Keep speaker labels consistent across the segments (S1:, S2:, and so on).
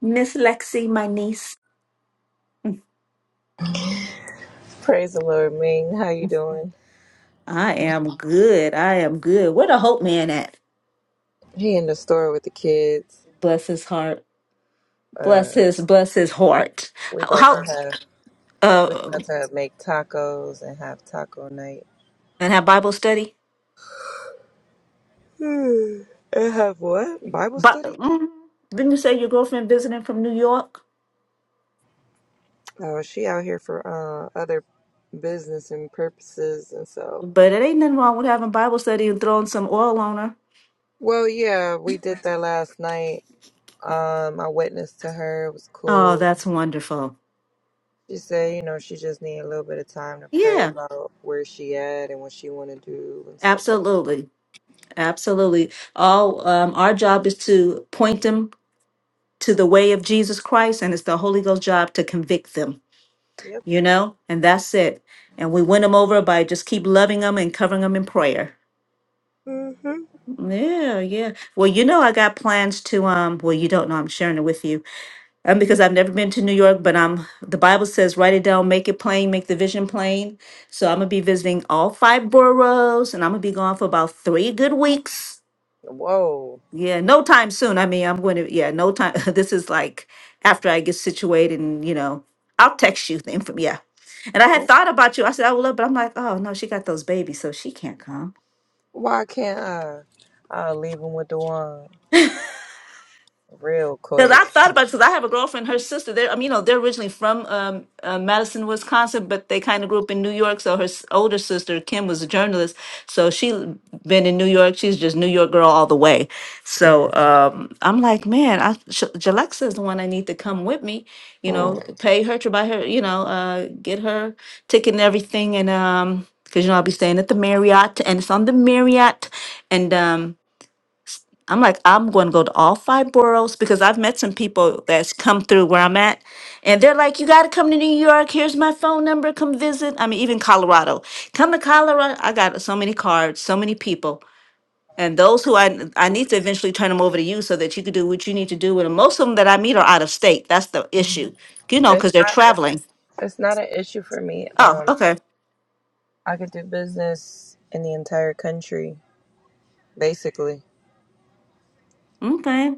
S1: Miss Lexi, my niece.
S2: Praise the Lord, Ming. How you doing?
S1: I am good. I am good. Where the hope man at?
S2: He in the store with the kids.
S1: Bless his heart.
S2: Uh,
S1: Bless his bless his heart.
S2: we
S1: How,
S2: about
S1: how
S2: to have we
S1: uh
S2: about to make tacos and have taco night.
S1: and have Bible study?
S2: Hmm. and have what? Bible
S1: But
S2: study?
S1: mm, didn't you say your girlfriend visiting from New York?
S2: Oh, she out here for uh other business and purposes, and so.
S1: But it ain't nothing wrong with having Bible study and throwing some oil on her.
S2: Well, yeah, we did that last night. Um, I witnessed to her. It was
S1: Oh,
S2: cool.
S1: that's wonderful.
S2: She said, you know, she just need a little bit of time to pray
S1: Yeah,
S2: about where she at and what she want to do and stuff like.
S1: absolutely. Absolutely. All um our job is to point them to the way of Jesus Christ and it's the Holy Ghost's job to convict them. you know, and that's it. And we win them over by just keep loving them and covering them in prayer.
S2: Yep.
S1: Yeah, yeah. Well, you know, I got plans to um. Well, you don't know. I'm sharing it with you, um, because I've never been to New York, but I'm. The Bible says, write it down, make it plain, make the vision plain. So I'm gonna be visiting all five boroughs, and I'm gonna be gone for about three good weeks.
S2: Whoa.
S1: Yeah, no time soon. I mean, I'm going to, yeah, no time. This is like after I get situated and, you know, I'll text you the info. Yeah. And I had thought about you. I said, I would love, but I'm like, oh, no, she got those babies, so she can't come.
S2: Why can't I? I'll leave him with the one real
S1: Because I
S2: quick.
S1: thought about it, because I have a girlfriend, her sister, they're, I mean, you know, they're originally from um, uh, Madison, Wisconsin, but they kind of grew up in New York. So her s- older sister, Kim, was a journalist. So she l- been in New York. She's just New York girl all the way. So um, I'm like, man, I, Sh- Jalexa is the one I need to come with me, you
S2: Mm.
S1: know, pay her to buy her, you know, uh, get her ticket and everything. And, um, because you know I'll be staying at the Marriott, and it's on the Marriott, and um, I'm like, I'm going to go to all five boroughs because I've met some people that's come through where I'm at, and they're like, "You got to come to New York. Here's my phone number. Come visit." I mean, even Colorado. Come to Colorado. I got so many cards, so many people, and those who I I need to eventually turn them over to you so that you can do what you need to do with them. Most of them that I meet are out of state. That's the issue, you know,
S2: It's
S1: because they're
S2: not it's,
S1: traveling.
S2: it's not an issue for me.
S1: Oh,
S2: Um
S1: okay,
S2: I could do business in the entire country, basically.
S1: okay.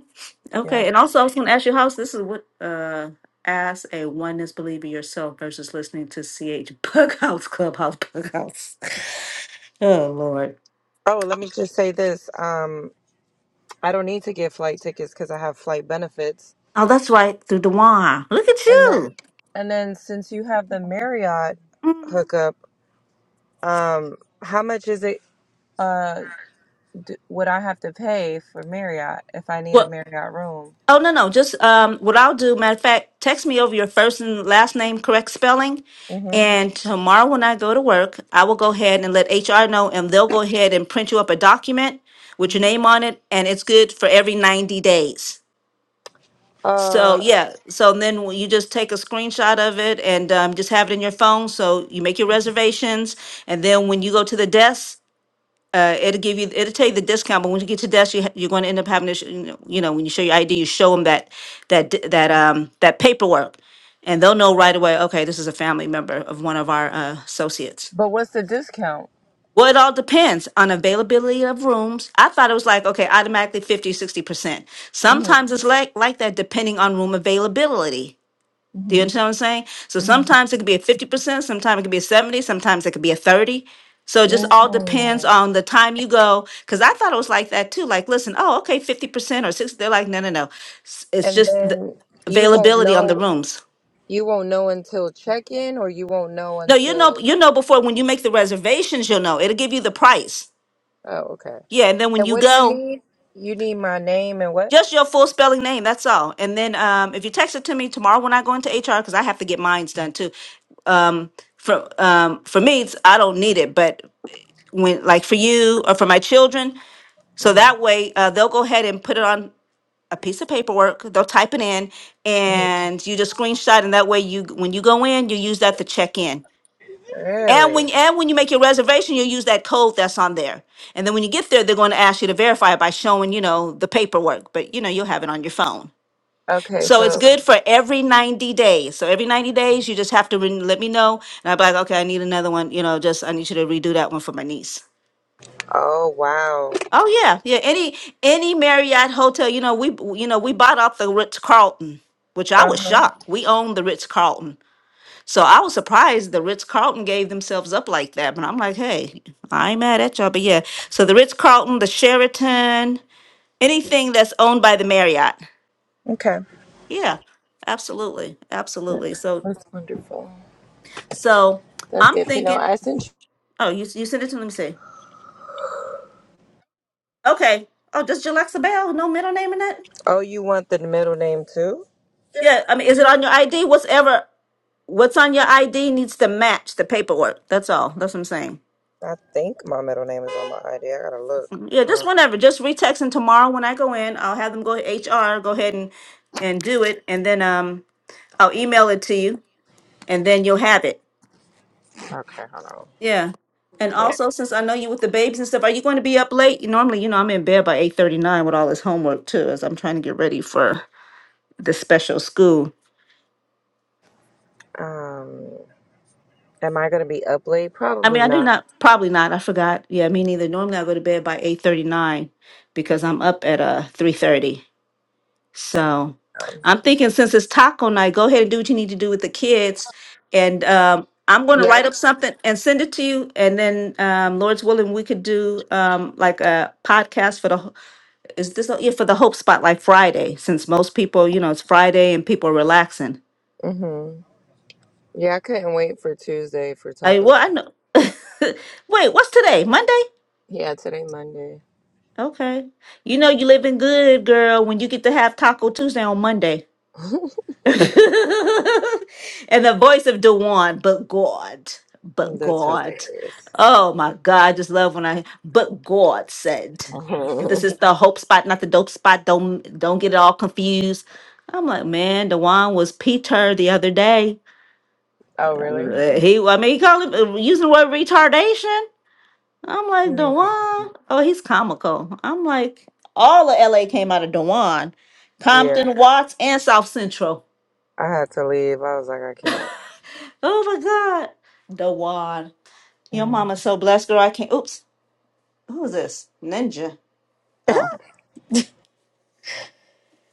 S2: Yeah.
S1: Okay, and also I was going to ask you, how's this is what uh as a oneness believer yourself versus listening to CH Bughouse Clubhouse Bughouse. Oh Lord.
S2: Oh, let me just say this. Um I don't need to get flight tickets cuz I have flight benefits.
S1: Oh, that's right, through Dewan. Look at
S2: And then
S1: you.
S2: and then since you have the Marriott
S1: Mhm.
S2: hookup, um how much is it? uh, d- would I have to pay for Marriott if I need a
S1: Well,
S2: Marriott room?
S1: oh no, no, just um, what I'll do. Matter of fact, text me over your first and last name correct spelling.
S2: hmm
S1: And tomorrow when I go to work, I will go ahead and let HR know, and they'll go ahead and print you up a document with your
S2: hmm
S1: name on it, and it's good for every 90 days. So
S2: Uh,
S1: yeah, so then w- you just take a screenshot of it and um, just have it in your phone. So you make your reservations, and then when you go to the desk, uh, it'll give you it'll tell you the discount. But when you get to desk, you ha- you're going to end up having to sh- you know you know, when you show your ID, you show them that that d- that um that paperwork, and they'll know right away. Okay, this is a family member of one of our uh, associates.
S2: but what's the discount?
S1: Well, it all depends on availability of rooms. I thought it was like, okay, automatically fifty, sixty percent
S2: hmm
S1: Sometimes it's like, like that depending on room availability. Do you
S2: hmm
S1: understand what I'm saying? So
S2: hmm
S1: sometimes it could be a 50%, sometimes it could be a 70, sometimes it could be a 30. So it just all
S2: Mm.
S1: depends on the time you go. Cause I thought it was like that too. Like, listen, oh, okay, 50% or 60. They're like, no, no, no. S- It's
S2: And
S1: just the
S2: then you won't
S1: availability on the
S2: know.
S1: rooms.
S2: You won't know until check-in, or you won't know
S1: No, you know,
S2: until.
S1: you know before when you make the reservations, you'll know. It'll give you the price.
S2: Oh, okay.
S1: Yeah. And then when
S2: And
S1: you
S2: what do you
S1: go,
S2: need? You need my name and what?
S1: just your full spelling name, that's all. And then um, if you text it to me tomorrow when I go into HR, because I have to get mine's done too. For um, for me, it's, I don't need it, but when like for you or for my children so
S2: hmm
S1: that way uh, they'll go ahead and put it on a piece of paperwork they'll type it in
S2: hmm
S1: and you just screenshot and that way you when you go in you use that to check in and
S2: Really?
S1: when and when you make your reservation you'll use that code that's on there and then when you get there they're going to ask you to verify it by showing you know the paperwork but you know you'll have it on your phone
S2: Okay.
S1: so it's
S2: So.
S1: good for every 90 days. So every 90 days, you just have to re- let me know. And I'll be like, okay, I need another one. You know, just I need you to redo that one for my niece.
S2: Oh wow.
S1: Oh yeah, yeah. Any any Marriott hotel, you know, we you know we bought off the Ritz Carlton, which I
S2: Uh
S1: was
S2: huh.
S1: shocked. We owned the Ritz Carlton, so I was surprised the Ritz Carlton gave themselves up like that. But I'm like, hey, I ain't mad at y'all. But yeah, so the Ritz Carlton, the Sheraton, anything that's owned by the Marriott.
S2: Okay.
S1: Yeah, absolutely,
S2: That-
S1: absolutely. So
S2: That's wonderful.
S1: so
S2: That's
S1: I'm
S2: good to know.
S1: thinking.
S2: I sent you.
S1: Oh, you you sent it to me. Let me see. Okay. Oh, does Jalexa Bell no middle name in that?
S2: Oh, you want the middle name too?
S1: Yeah, I mean, is it on your ID? Whatever What's on your ID needs to match the paperwork. That's all. That's what I'm saying.
S2: I think my middle name is on my ID. I gotta look.
S1: Mhm. Yeah, just
S2: Um,
S1: whenever. Just retext and tomorrow when I go in, I'll have them go HR, go ahead and and do it, and then um I'll email it to you, and then you'll have it.
S2: okay, hold on.
S1: Yeah. And
S2: Here.
S1: also, since I know you with the babies and stuff, are you going to be up late? Normally, you know, I'm in bed by eight thirty nine with all this homework too, as I'm trying to get ready for the special school.
S2: Um, am I gonna be up late?
S1: I mean,
S2: Probably
S1: I do
S2: not.
S1: not, probably not. I forgot. Yeah, me neither. Normally, I go to bed by eight thirty nine because I'm up at uh three thirty. So
S2: Um,
S1: I'm thinking since it's taco night, go ahead and do what you need to do with the kids. And um, I'm going to
S2: yeah.
S1: write up something and send it to you. And then, um, Lord's willing, we could do um, like a podcast for the ho- is this yeah for the Hope Spotlight Friday since most people you know it's Friday and people are relaxing.
S2: Mm-hmm. Yeah, I couldn't wait for Tuesday for
S1: I
S2: Taco.
S1: well
S2: Tuesday.
S1: I know. Wait, what's today? Monday?
S2: Yeah, today Monday.
S1: Okay. You know you living good, girl. When you get to have Taco Tuesday on Monday. and the voice of Dewan, but God, but
S2: That's
S1: God.
S2: hilarious.
S1: Oh my God, I just love when I, but God said, this
S2: oh,
S1: is the hope spot, not the dope spot. Don't don't get it all confused. I'm like, man, Dewan was Peter the other day.
S2: really?
S1: Uh, He, I mean, he called him uh, using the word retardation. I'm like,
S2: Mm.
S1: Dewan. Oh, he's comical. I'm like, all of LA came out of Dewan,
S2: Yeah,
S1: Compton, Watts, and South Central.
S2: I had to leave. I was like, I can't.
S1: Oh my God. Dawan. Your
S2: Mm.
S1: mama's so blessed, girl. I can't. Oops. Who is this? Ninja. Oh.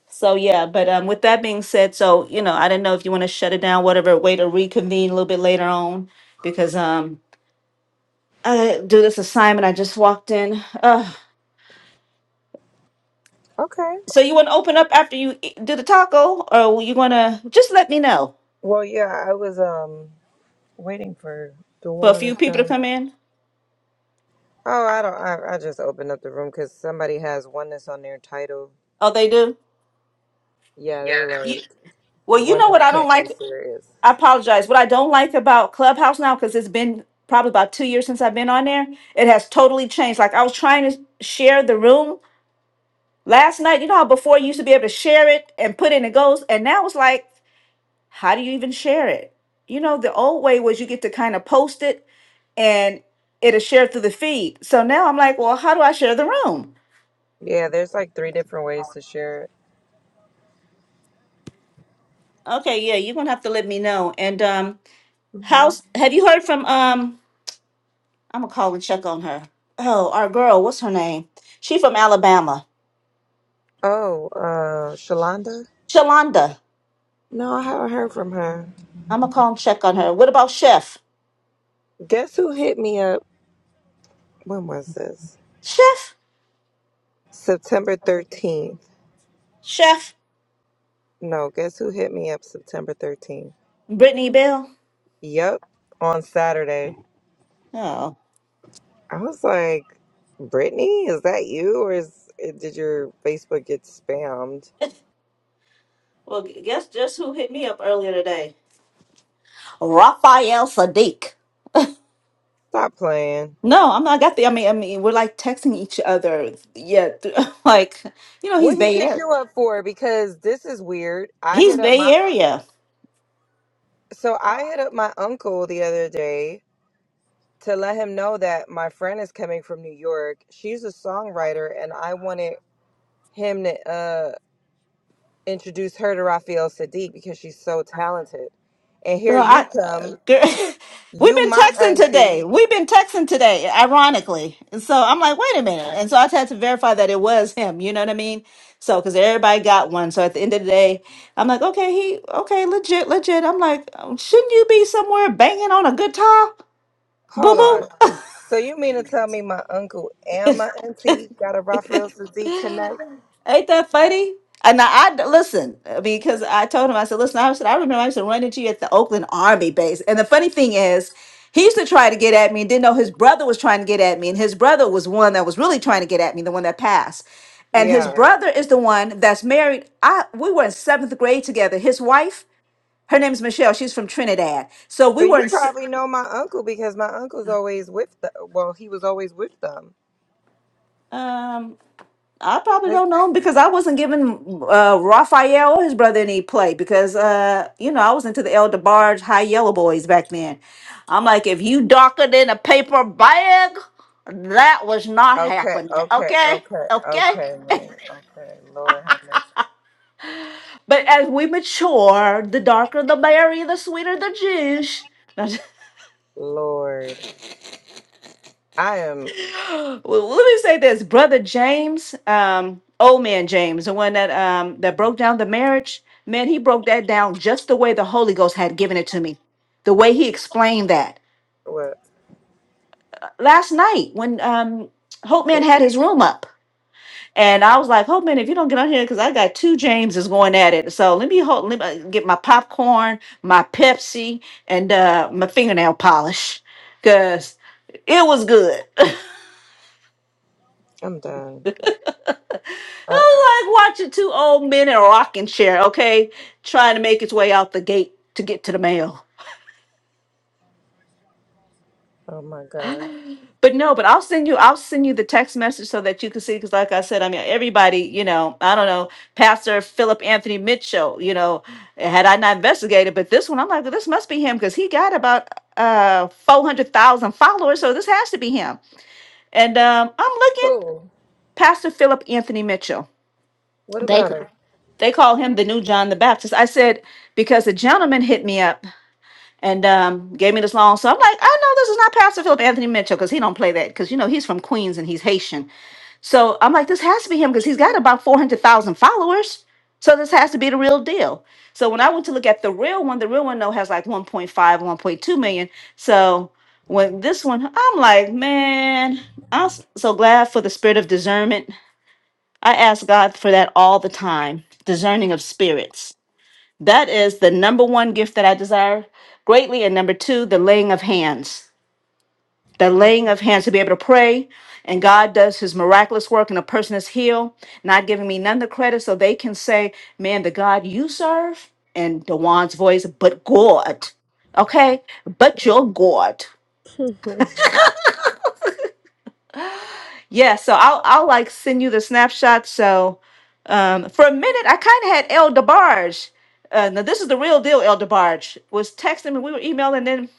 S1: So, yeah. But um, with that being said, so, you know, I didn't know if you want to shut it down, whatever, wait to reconvene a little bit later on because um, I gotta do this assignment. I just walked in. Uh,
S2: Okay.
S1: so, you want to open up after you e- do the taco or you want to just let me know
S2: Well, yeah, I was um waiting for
S1: for a
S2: Dewan
S1: few
S2: to
S1: people to
S2: come.
S1: come in?
S2: Oh, I don't. I, I just opened up the room because somebody has oneness on their title.
S1: Oh, they do?
S2: Yeah, they were
S1: You-
S2: like,
S1: well, you know
S2: oneness
S1: what I don't
S2: can't be
S1: like.
S2: serious.
S1: I apologize. What I don't like about Clubhouse now, because it's been probably about two years since I've been on there, it has totally changed. Like I was trying to share the room last night. You know how before you used to be able to share it and put in it goes, and now it's like, how do you even share it? You know, the old way was you get to kind of post it and it'll share through the feed. So now I'm like, well, how do I share the room?
S2: Yeah, there's like three different ways to share it.
S1: Okay, yeah, you're gonna have to let me know. And um,
S2: hmm
S1: how's have you heard from um? I'm gonna call and check on her. Oh, our girl, what's her name? She from Alabama.
S2: Oh, uh, Shalonda?
S1: Shalonda.
S2: No, I haven't heard from her.
S1: I'm gonna call and check on her. What about Chef?
S2: Guess who hit me up? When was this?
S1: Chef?
S2: September 13th.
S1: Chef?
S2: No, guess who hit me up September 13th?
S1: Brittany Bell?
S2: Yup, on Saturday.
S1: Oh.
S2: I was like, Brittany, is that you? Or is, did your Facebook get spammed?
S1: Well, gu- guess just who hit me up earlier today? Raphael Sadiq.
S2: Stop playing.
S1: No, I'm not. I got the. I mean, I mean, we're like texting each other. Yeah, th- like you know, he's
S2: What he
S1: Bay
S2: hit
S1: Area.
S2: you up for? Because this is weird. I
S1: He's
S2: hit up
S1: Bay
S2: my
S1: Area.
S2: so I hit up my uncle the other day to let him know that my friend is coming from New York. She's a songwriter, and I wanted him to uh, introduce her to Rafael Sadiq because she's so talented. And here
S1: Girl, I,
S2: you come,
S1: uh, girl, we've
S2: you
S1: been
S2: my
S1: texting
S2: auntie.
S1: today. We've been texting today, ironically. And so I'm like, wait a minute. And so I had to verify that it was him. You know what I mean? So, because everybody got one. So at the end of the day, I'm like, okay, he, okay, legit, legit. I'm like, um, shouldn't you be somewhere banging on a guitar,
S2: Hold on.
S1: boo
S2: So you mean to tell me my uncle and my
S1: boo?
S2: auntie got a Rafael Sadiq connect?
S1: Ain't that funny? And I, I listen uh, because I told him I said, listen, I said I remember I used to run into you at the Oakland Army base, and the funny thing is, he used to try to get at me and didn't know his brother was trying to get at me, and his brother was one that was really trying to get at me, the one that passed. And his Yeah.
S2: Yeah.
S1: brother is the one that's married. I we were in seventh grade together. His wife, her name is Michelle. She's from Trinidad. So we
S2: So
S1: were
S2: you
S1: in. s-
S2: probably know my uncle because my uncle's always with the. Well, he was always with them.
S1: Um, I probably
S2: His-
S1: don't know because I wasn't giving uh, Raphael or his brother any play because uh, you know I was into the El DeBarge High Yellow Boys back then. I'm like, if you darker than a paper bag, that was not
S2: okay,
S1: happening.
S2: okay,
S1: Okay,
S2: okay,
S1: okay.
S2: okay, Link. Okay, Lord have mercy.
S1: But as we mature, the darker the berry, the sweeter the juice.
S2: Lord, I am.
S1: Well, let me say this, brother James, um, old man James, the one that um that broke down the marriage, man, he broke that down just the way the Holy Ghost had given it to me, the way he explained that
S2: What?
S1: last night when um Hope Man had his room up, and I was like, Hope Man, if you don't get on here, because I got two Jameses going at it, so let me hold, let me uh, get my popcorn, my Pepsi, and uh my fingernail polish, cause it was good.
S2: I'm done.
S1: It
S2: I,
S1: was like watching two old men in a rocking chair, okay, trying to make its way out the gate to get to the mail.
S2: oh my God.
S1: But no, but I'll send you, I'll send you the text message so that you can see. Because like I said, I mean, everybody, you know, I don't know, Pastor Philip Anthony Mitchell, you know, had I not investigated, but this one, I'm like, well, this must be him because he got about uh 400,000 followers, so this has to be him. And um, I'm looking,
S2: Who?
S1: Pastor Philip Anthony Mitchell.
S2: What
S1: They
S2: about
S1: they call him the new John the Baptist. I said because the gentleman hit me up and um, gave me this long. So I'm like, I know this is not Pastor Philip Anthony Mitchell because he don't play that because you know he's from Queens and he's Haitian. So I'm like, this has to be him because he's got about four hundred thousand followers. So this has to be the real deal. So when I went to look at the real one, the real one though has like one point five, one point two million. So when this one, I'm like, man, I'm so glad for the spirit of discernment I ask God for that all the time, discerning of spirits. That is the number one gift that I desire greatly. And number two, the laying of hands. The
S2: him?
S1: laying of hands to be able to pray. And God does his miraculous work, and a person is healed, not giving me none the credit. So they can say, Man, the God you serve, in Dewan's voice, but God. Okay? But your God.
S2: Mhm.
S1: Yeah, so I'll I'll like send you the snapshot. So um, for a minute, I kind of had El DeBarge. Uh, now this is the real deal. El DeBarge was texting me. We were emailing, and then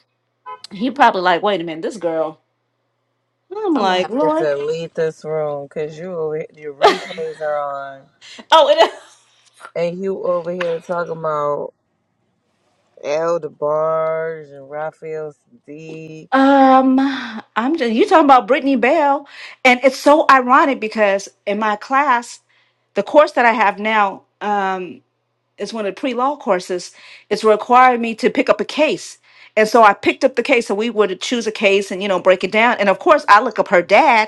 S1: he probably like, wait a minute, this girl. I'm
S2: I'm gonna
S1: like,
S2: have to
S1: Lord.
S2: delete this room because you over here- your replays are on,
S1: Oh, it,
S2: and you over here talking about Elder Barge and Raphael Sadiq.
S1: um, I'm just you talking about Brittany Bell, and it's so ironic because in my class, the course that I have now. Um, is one of the pre-law courses it's required me to pick up a case and so i picked up the case and we would choose a case and you know break it down and of course i look up her dad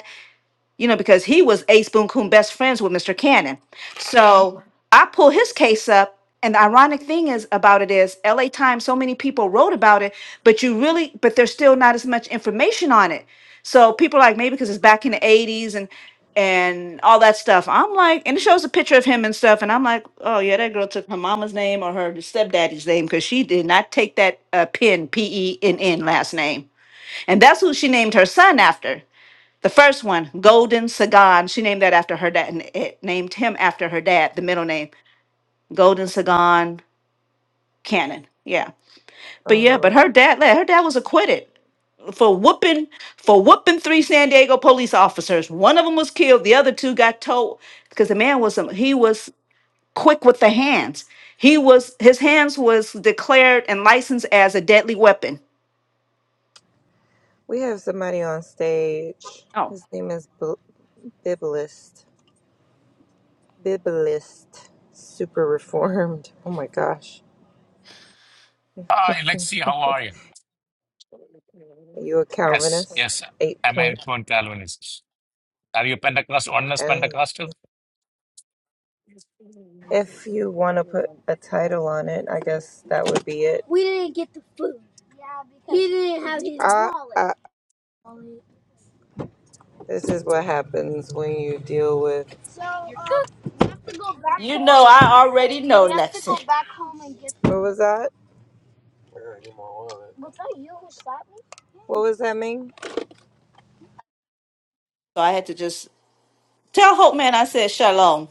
S1: you know, because he was Ace Boon Coon best friends with Mr. Cannon. So I pull his case up. And the ironic thing is about it is LA Times, so many people wrote about it, but you really, but there's still not as much information on it. So people are like, maybe because it's back in the 80s and and all that stuff. I'm like, and it shows a picture of him and stuff. And I'm like, oh yeah, that girl took her mama's name or her stepdaddy's name because she did not take that uh, Penn, P E N N last name. And that's who she named her son after. The first one, Golden Sagan, she named that after her dad, and it named him after her dad, the middle name, Golden Sagan Cannon. Yeah, but yeah,
S2: Oh
S1: but her dad, like, her dad was acquitted for whooping for whooping three San Diego police officers. One of them was killed, the other two got told because the man was a- he was quick with the hands. He was his hands was declared and licensed as a deadly weapon.
S2: We have somebody on stage.
S1: Oh,
S2: His name is B- Biblist, Bibalist. Super reformed. Oh my gosh.
S3: Hi, Lexi, how are you?
S2: Are you a
S3: Yes,
S2: Calvinist?
S3: yes,
S2: 8.0.
S3: I'm a
S2: point
S3: Reformed Calvinist. Are you Pentecostal, honest
S2: oh.
S3: Pentecostal?
S2: If you want to put a title on it, I guess that would be it. We didn't get the food. He didn't have his uh, wallet. uh, this is what happens when you deal with.
S1: You know, I already know, Lexi.
S2: What was that? What was that mean?
S1: so I had to just tell Hope Man I said shalom.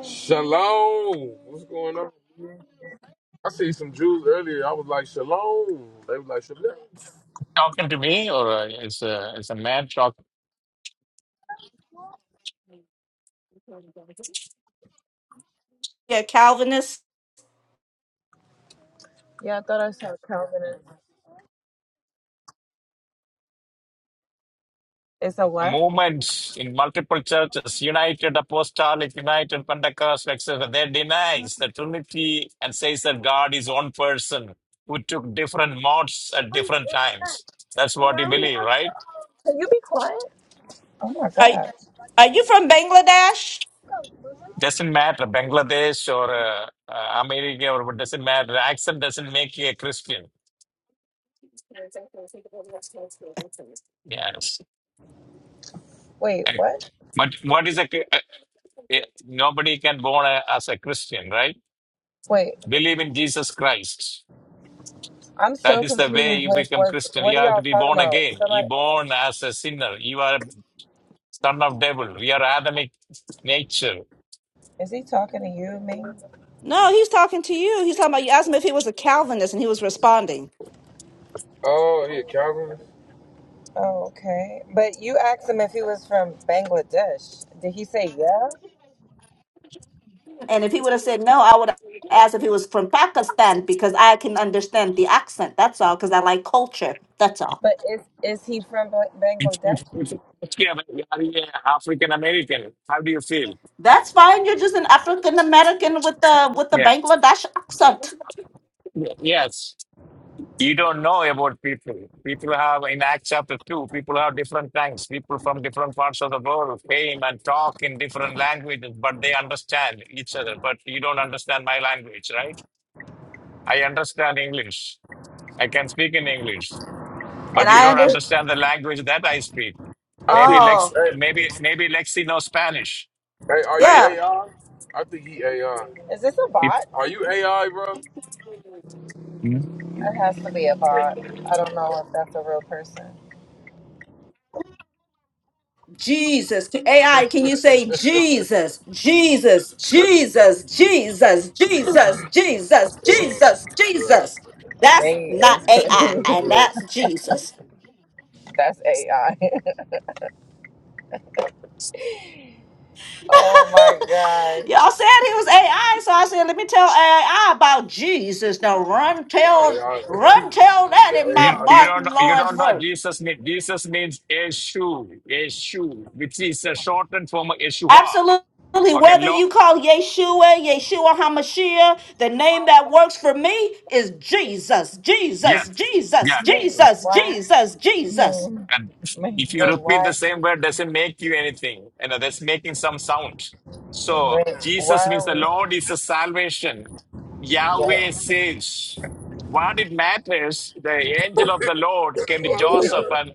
S2: Shalom. What's going on? I see some Jews earlier. I was like, Shalom. They was like, Shalom.
S3: Talking to me, or uh, is a, is a man talk?
S1: Yeah, Calvinist.
S2: Yeah, I thought I saw Calvinist. It's a
S3: The
S2: what?
S3: movements in multiple churches, United Apostolic, United Pentecostal, etc., they denies the Trinity and says that God is one person who took different modes at different times. That's what you believe, right?
S2: Can you be quiet? Oh my
S1: Are
S2: god.
S1: are you from Bangladesh?
S3: Doesn't matter, Bangladesh or uh, uh, America, or what doesn't matter. Accent doesn't make you a Christian. Yes.
S2: Wait,
S3: Ac-
S2: what?
S3: But what is a cri- uh, uh, nobody can born a, as a Christian, right?
S2: Wait,
S3: Believe in Jesus Christ.
S2: I'm so
S3: That is the
S2: confused
S3: way you
S2: with
S3: become
S2: what
S3: Christian.
S2: what
S3: You
S2: are
S3: have to
S2: y'all
S3: be
S2: talking
S3: born
S2: about?
S3: again. You
S2: Somebody
S3: born as a sinner. You are son of devil. We are Adamic nature.
S2: is he talking to you, Ming?
S1: No, he's talking to you. He's talking about you asked him if he was a Calvinist and he was responding.
S2: Oh, he a Calvinist? Oh, okay. But you asked him if he was from Bangladesh. Did he say yeah?
S1: And if he would have said no, I would have asked if he was from Pakistan because I can understand the accent. That's all, because I like culture. That's all.
S2: But is is he from Ba-
S3: If, if,
S2: Bangladesh?
S3: if, if you are you African American, how do you feel?
S1: That's fine. You're just an African American with the with the
S3: Yeah.
S1: Bangladesh accent.
S3: Yes. You don't know about people. People have, in Acts chapter 2, people have different tongues. People from different parts of the world came and talk in different languages, but they understand each other. But you don't understand my language, right? I understand English. I can speak in English,
S2: I
S1: And
S3: but you
S2: think
S1: I
S2: he,
S3: don't
S1: understand.
S3: understand the language that I speak.
S2: I
S3: Maybe
S2: think,
S3: Lex,
S1: Oh,
S2: hey,
S3: maybe maybe Lexi knows Spanish,
S2: hey, are you
S3: right?
S1: yeah.
S2: AI? I I think he AI. Is this a
S3: If,
S2: bot? Are you AI, bro?
S3: you
S2: It has to be a bot. I don't know if that's a real person.
S1: Jesus. To AI, can you say Jesus, Jesus, Jesus, Jesus, Jesus, Jesus, Jesus,
S2: Uh, yeah,
S1: Jesus? That's
S2: Nate
S1: not
S2: is yeah,
S1: AI,
S2: crazy.
S1: and that's
S2: yeah.
S1: Jesus.
S2: that's AI. oh my
S1: Y'all
S2: gosh.
S1: said he was AI, so I said, let me tell AI about Jesus. Now run,
S2: The
S1: tell,
S2: AI,
S1: run, tell that in my
S2: the AI.
S3: you don't know,
S1: Martin
S3: you
S1: Lawrence
S3: don't know
S1: voice.
S3: Jesus mean Jesus means a shoe, a shoe, which is a shortened form of Yeshua.
S1: Absolutely.
S3: Okay,
S1: Whether
S3: law.
S1: you call Yeshua, Yeshua HaMashiach, the name that works for me is Jesus,
S3: Yeah,
S1: Jesus, Jesus,
S3: yeah.
S2: Mate,
S1: Jesus,
S2: why?
S1: Jesus, Jesus.
S2: Man,
S3: And
S2: man,
S3: if you
S2: man,
S3: repeat
S2: why?
S3: the same word, doesn't make you anything. You know, that's making some sound. So
S2: Man, why
S3: Jesus means
S2: are
S3: the
S2: we?
S3: Lord is the salvation.
S2: Yo,
S3: Yahweh saves. What it matters, the angel of the Lord came to Joseph and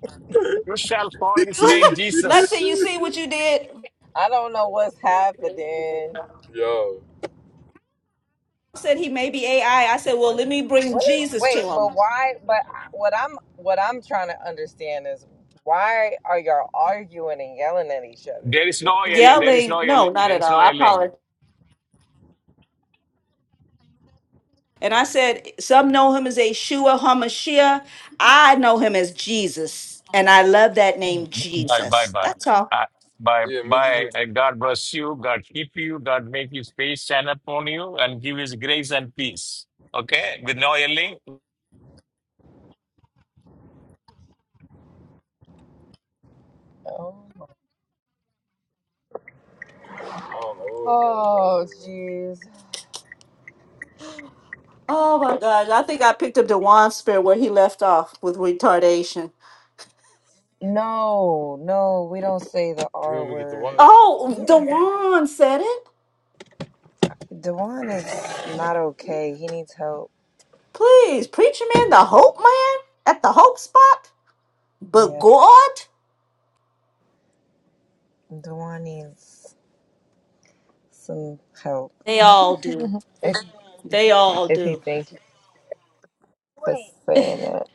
S3: you shall call his name
S1: Lexi,
S3: Jesus.
S1: you see what you did?
S2: I don't know what's happening. Yo,
S1: Said he may be AI. I I said, well, let me bring
S2: What?
S1: Jesus to
S2: Wait, but
S1: him.
S2: why? But I- what I'm what I'm trying to understand is why are y'all arguing and yelling at each other?
S3: There is no L. A. There is
S1: Yelling,
S3: no L.
S1: no,
S3: A.
S1: not
S3: There
S1: at
S3: is
S1: all.
S3: no
S1: I
S3: L. A.
S1: apologize. And I said, some know him as Yeshua HaMashiach. I know him as Jesus. And I love that name,
S3: Bye, bye,
S1: Jesus.
S3: bye.
S1: That's all.
S3: Uh, bye,
S2: Yeah, me
S3: bye.
S2: too.
S3: Uh, God bless you. God keep you. God make his face shine upon you and give his grace and peace. Okay? With no yelling,
S2: Oh, I don't know oh, jeez.
S1: Oh my gosh, I think I picked up Dewan's spirit where he left off with retardation.
S2: No, no, we don't say the You R want me to get the word. wallet?
S1: Oh,
S2: Yeah,
S1: Dewan said it.
S2: Dewan is not okay. He needs help.
S1: Please, preacher man, the hope man at the hope spot. But
S2: Yeah,
S1: God,
S2: Dewan needs some help.
S1: they all do.
S2: If
S1: They all
S2: if he
S1: do.
S2: thinks saying that.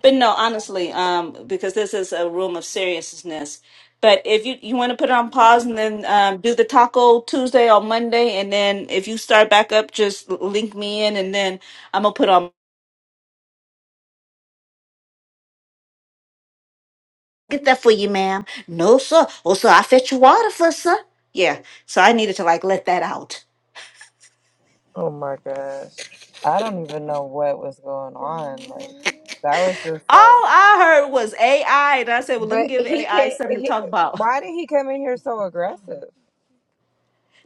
S1: But no, honestly, um, because this is a room of seriousness. But if you you want to put it on pause and then um, do the Taco Tuesday on Monday, and then if you start back up, just link me in, and then I'm gonna put on. get that for you, ma'am. No, sir. Oh, sir, I fetch you water for, sir. Yeah. So I needed to like let that out.
S2: Oh my gosh. I don't even know what was going on. Like that was just
S1: All
S2: like
S1: I heard was AI, and I said, "Well, let me
S2: but
S1: give
S2: he
S1: AI
S2: can't
S1: something to
S2: he,
S1: talk about."
S2: why did he come in here so aggressive?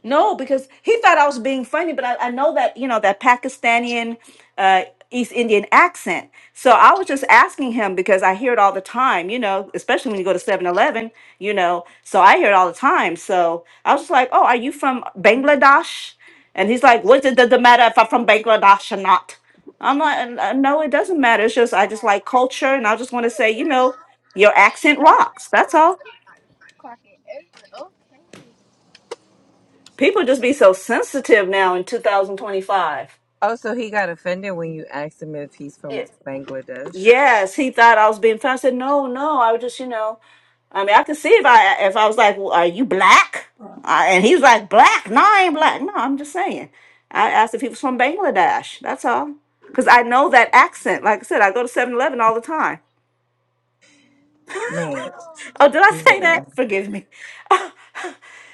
S1: No, because he thought I was being funny, but I, I know that, you know, that Pakistani, uh, East Indian accent. So I was just asking him because I hear it all the time, you know, especially when you go to Seven Eleven, you know, so I hear it all the time. So I was just like, oh, are you from Bangladesh? And he's like, what does it matter if I'm from Bangladesh or not? I'm like, "Uh, no, it doesn't matter. It's just, I just like culture. And I just want to say, you know, your accent rocks. That's all. People just be so sensitive now in 2025.
S2: Oh, so he got offended when you asked him if he's from
S1: Yes.
S2: Bangladesh.
S1: Yes, he thought I was being funny. I said, "No, no, I was just, you know, I mean, I could see if I if I was like, well, are you black?" Uh, and he was like, "Black? No, I ain't black. No, I'm just saying." I asked if he was from Bangladesh. That's all, because I know that accent. Like I said, I go to Seven Eleven all the time.
S2: Man,
S1: oh, did I say
S2: man,
S1: that? Forgive me.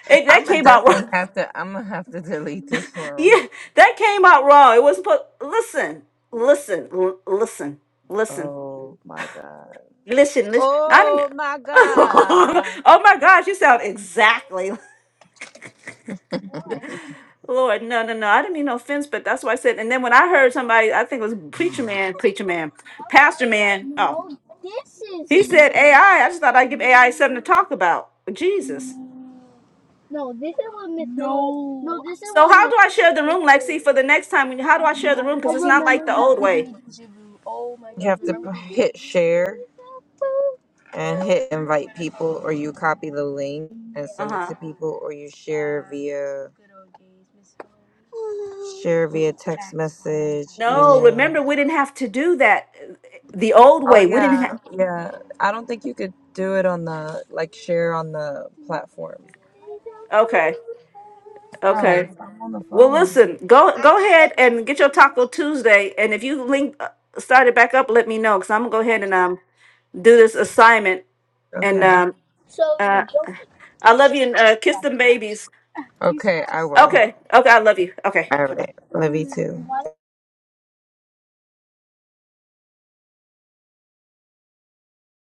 S1: it, that
S2: I'm gonna
S1: came out wrong.
S2: definitely have to. I'm gonna have to delete this room.
S1: yeah, that came out wrong. It was supposed. Listen, listen, l- listen, listen.
S2: Oh my god.
S1: Listen, listen. Not even,
S2: Oh my god.
S1: oh my gosh, you sound exactly. Lord, no, no, no. I didn't mean no offense, but that's why I said. And then when I heard somebody, I think it was preacher man, preacher man, pastor man. Oh,
S2: No, this is
S1: he said AI. I I just thought I'd give AI something to talk about. But Jesus.
S2: no, this is what Miss No, no, this this this is is is
S1: So
S2: what.
S1: how do
S2: what.
S1: I share the room, Lexi, for the next time? when- How do I share the room? Because it's not like the old way.
S2: You have to p- hit share and hit invite people, or you copy the link and
S1: Uh
S2: send it
S1: huh.
S2: to people, or you share via share via text message,
S1: No,
S2: email.
S1: remember we didn't have to do that. uh, The old
S2: Oh
S1: way, we didn't
S2: yeah,
S1: have.
S2: yeah. I don't think you could do it on the like share on the platform.
S1: Okay. Okay.
S2: Guys, I'm on the
S1: Well,
S2: phone.
S1: listen, go go ahead and get your Taco Tuesday, and if you link uh, start it back up, let me know because I'm gonna go ahead and um do this assignment. And
S2: Okay.
S1: um, uh, I love you and uh, kiss them babies.
S2: Okay, I will.
S1: Okay, okay, I love you. Okay,
S2: All right. Love you too.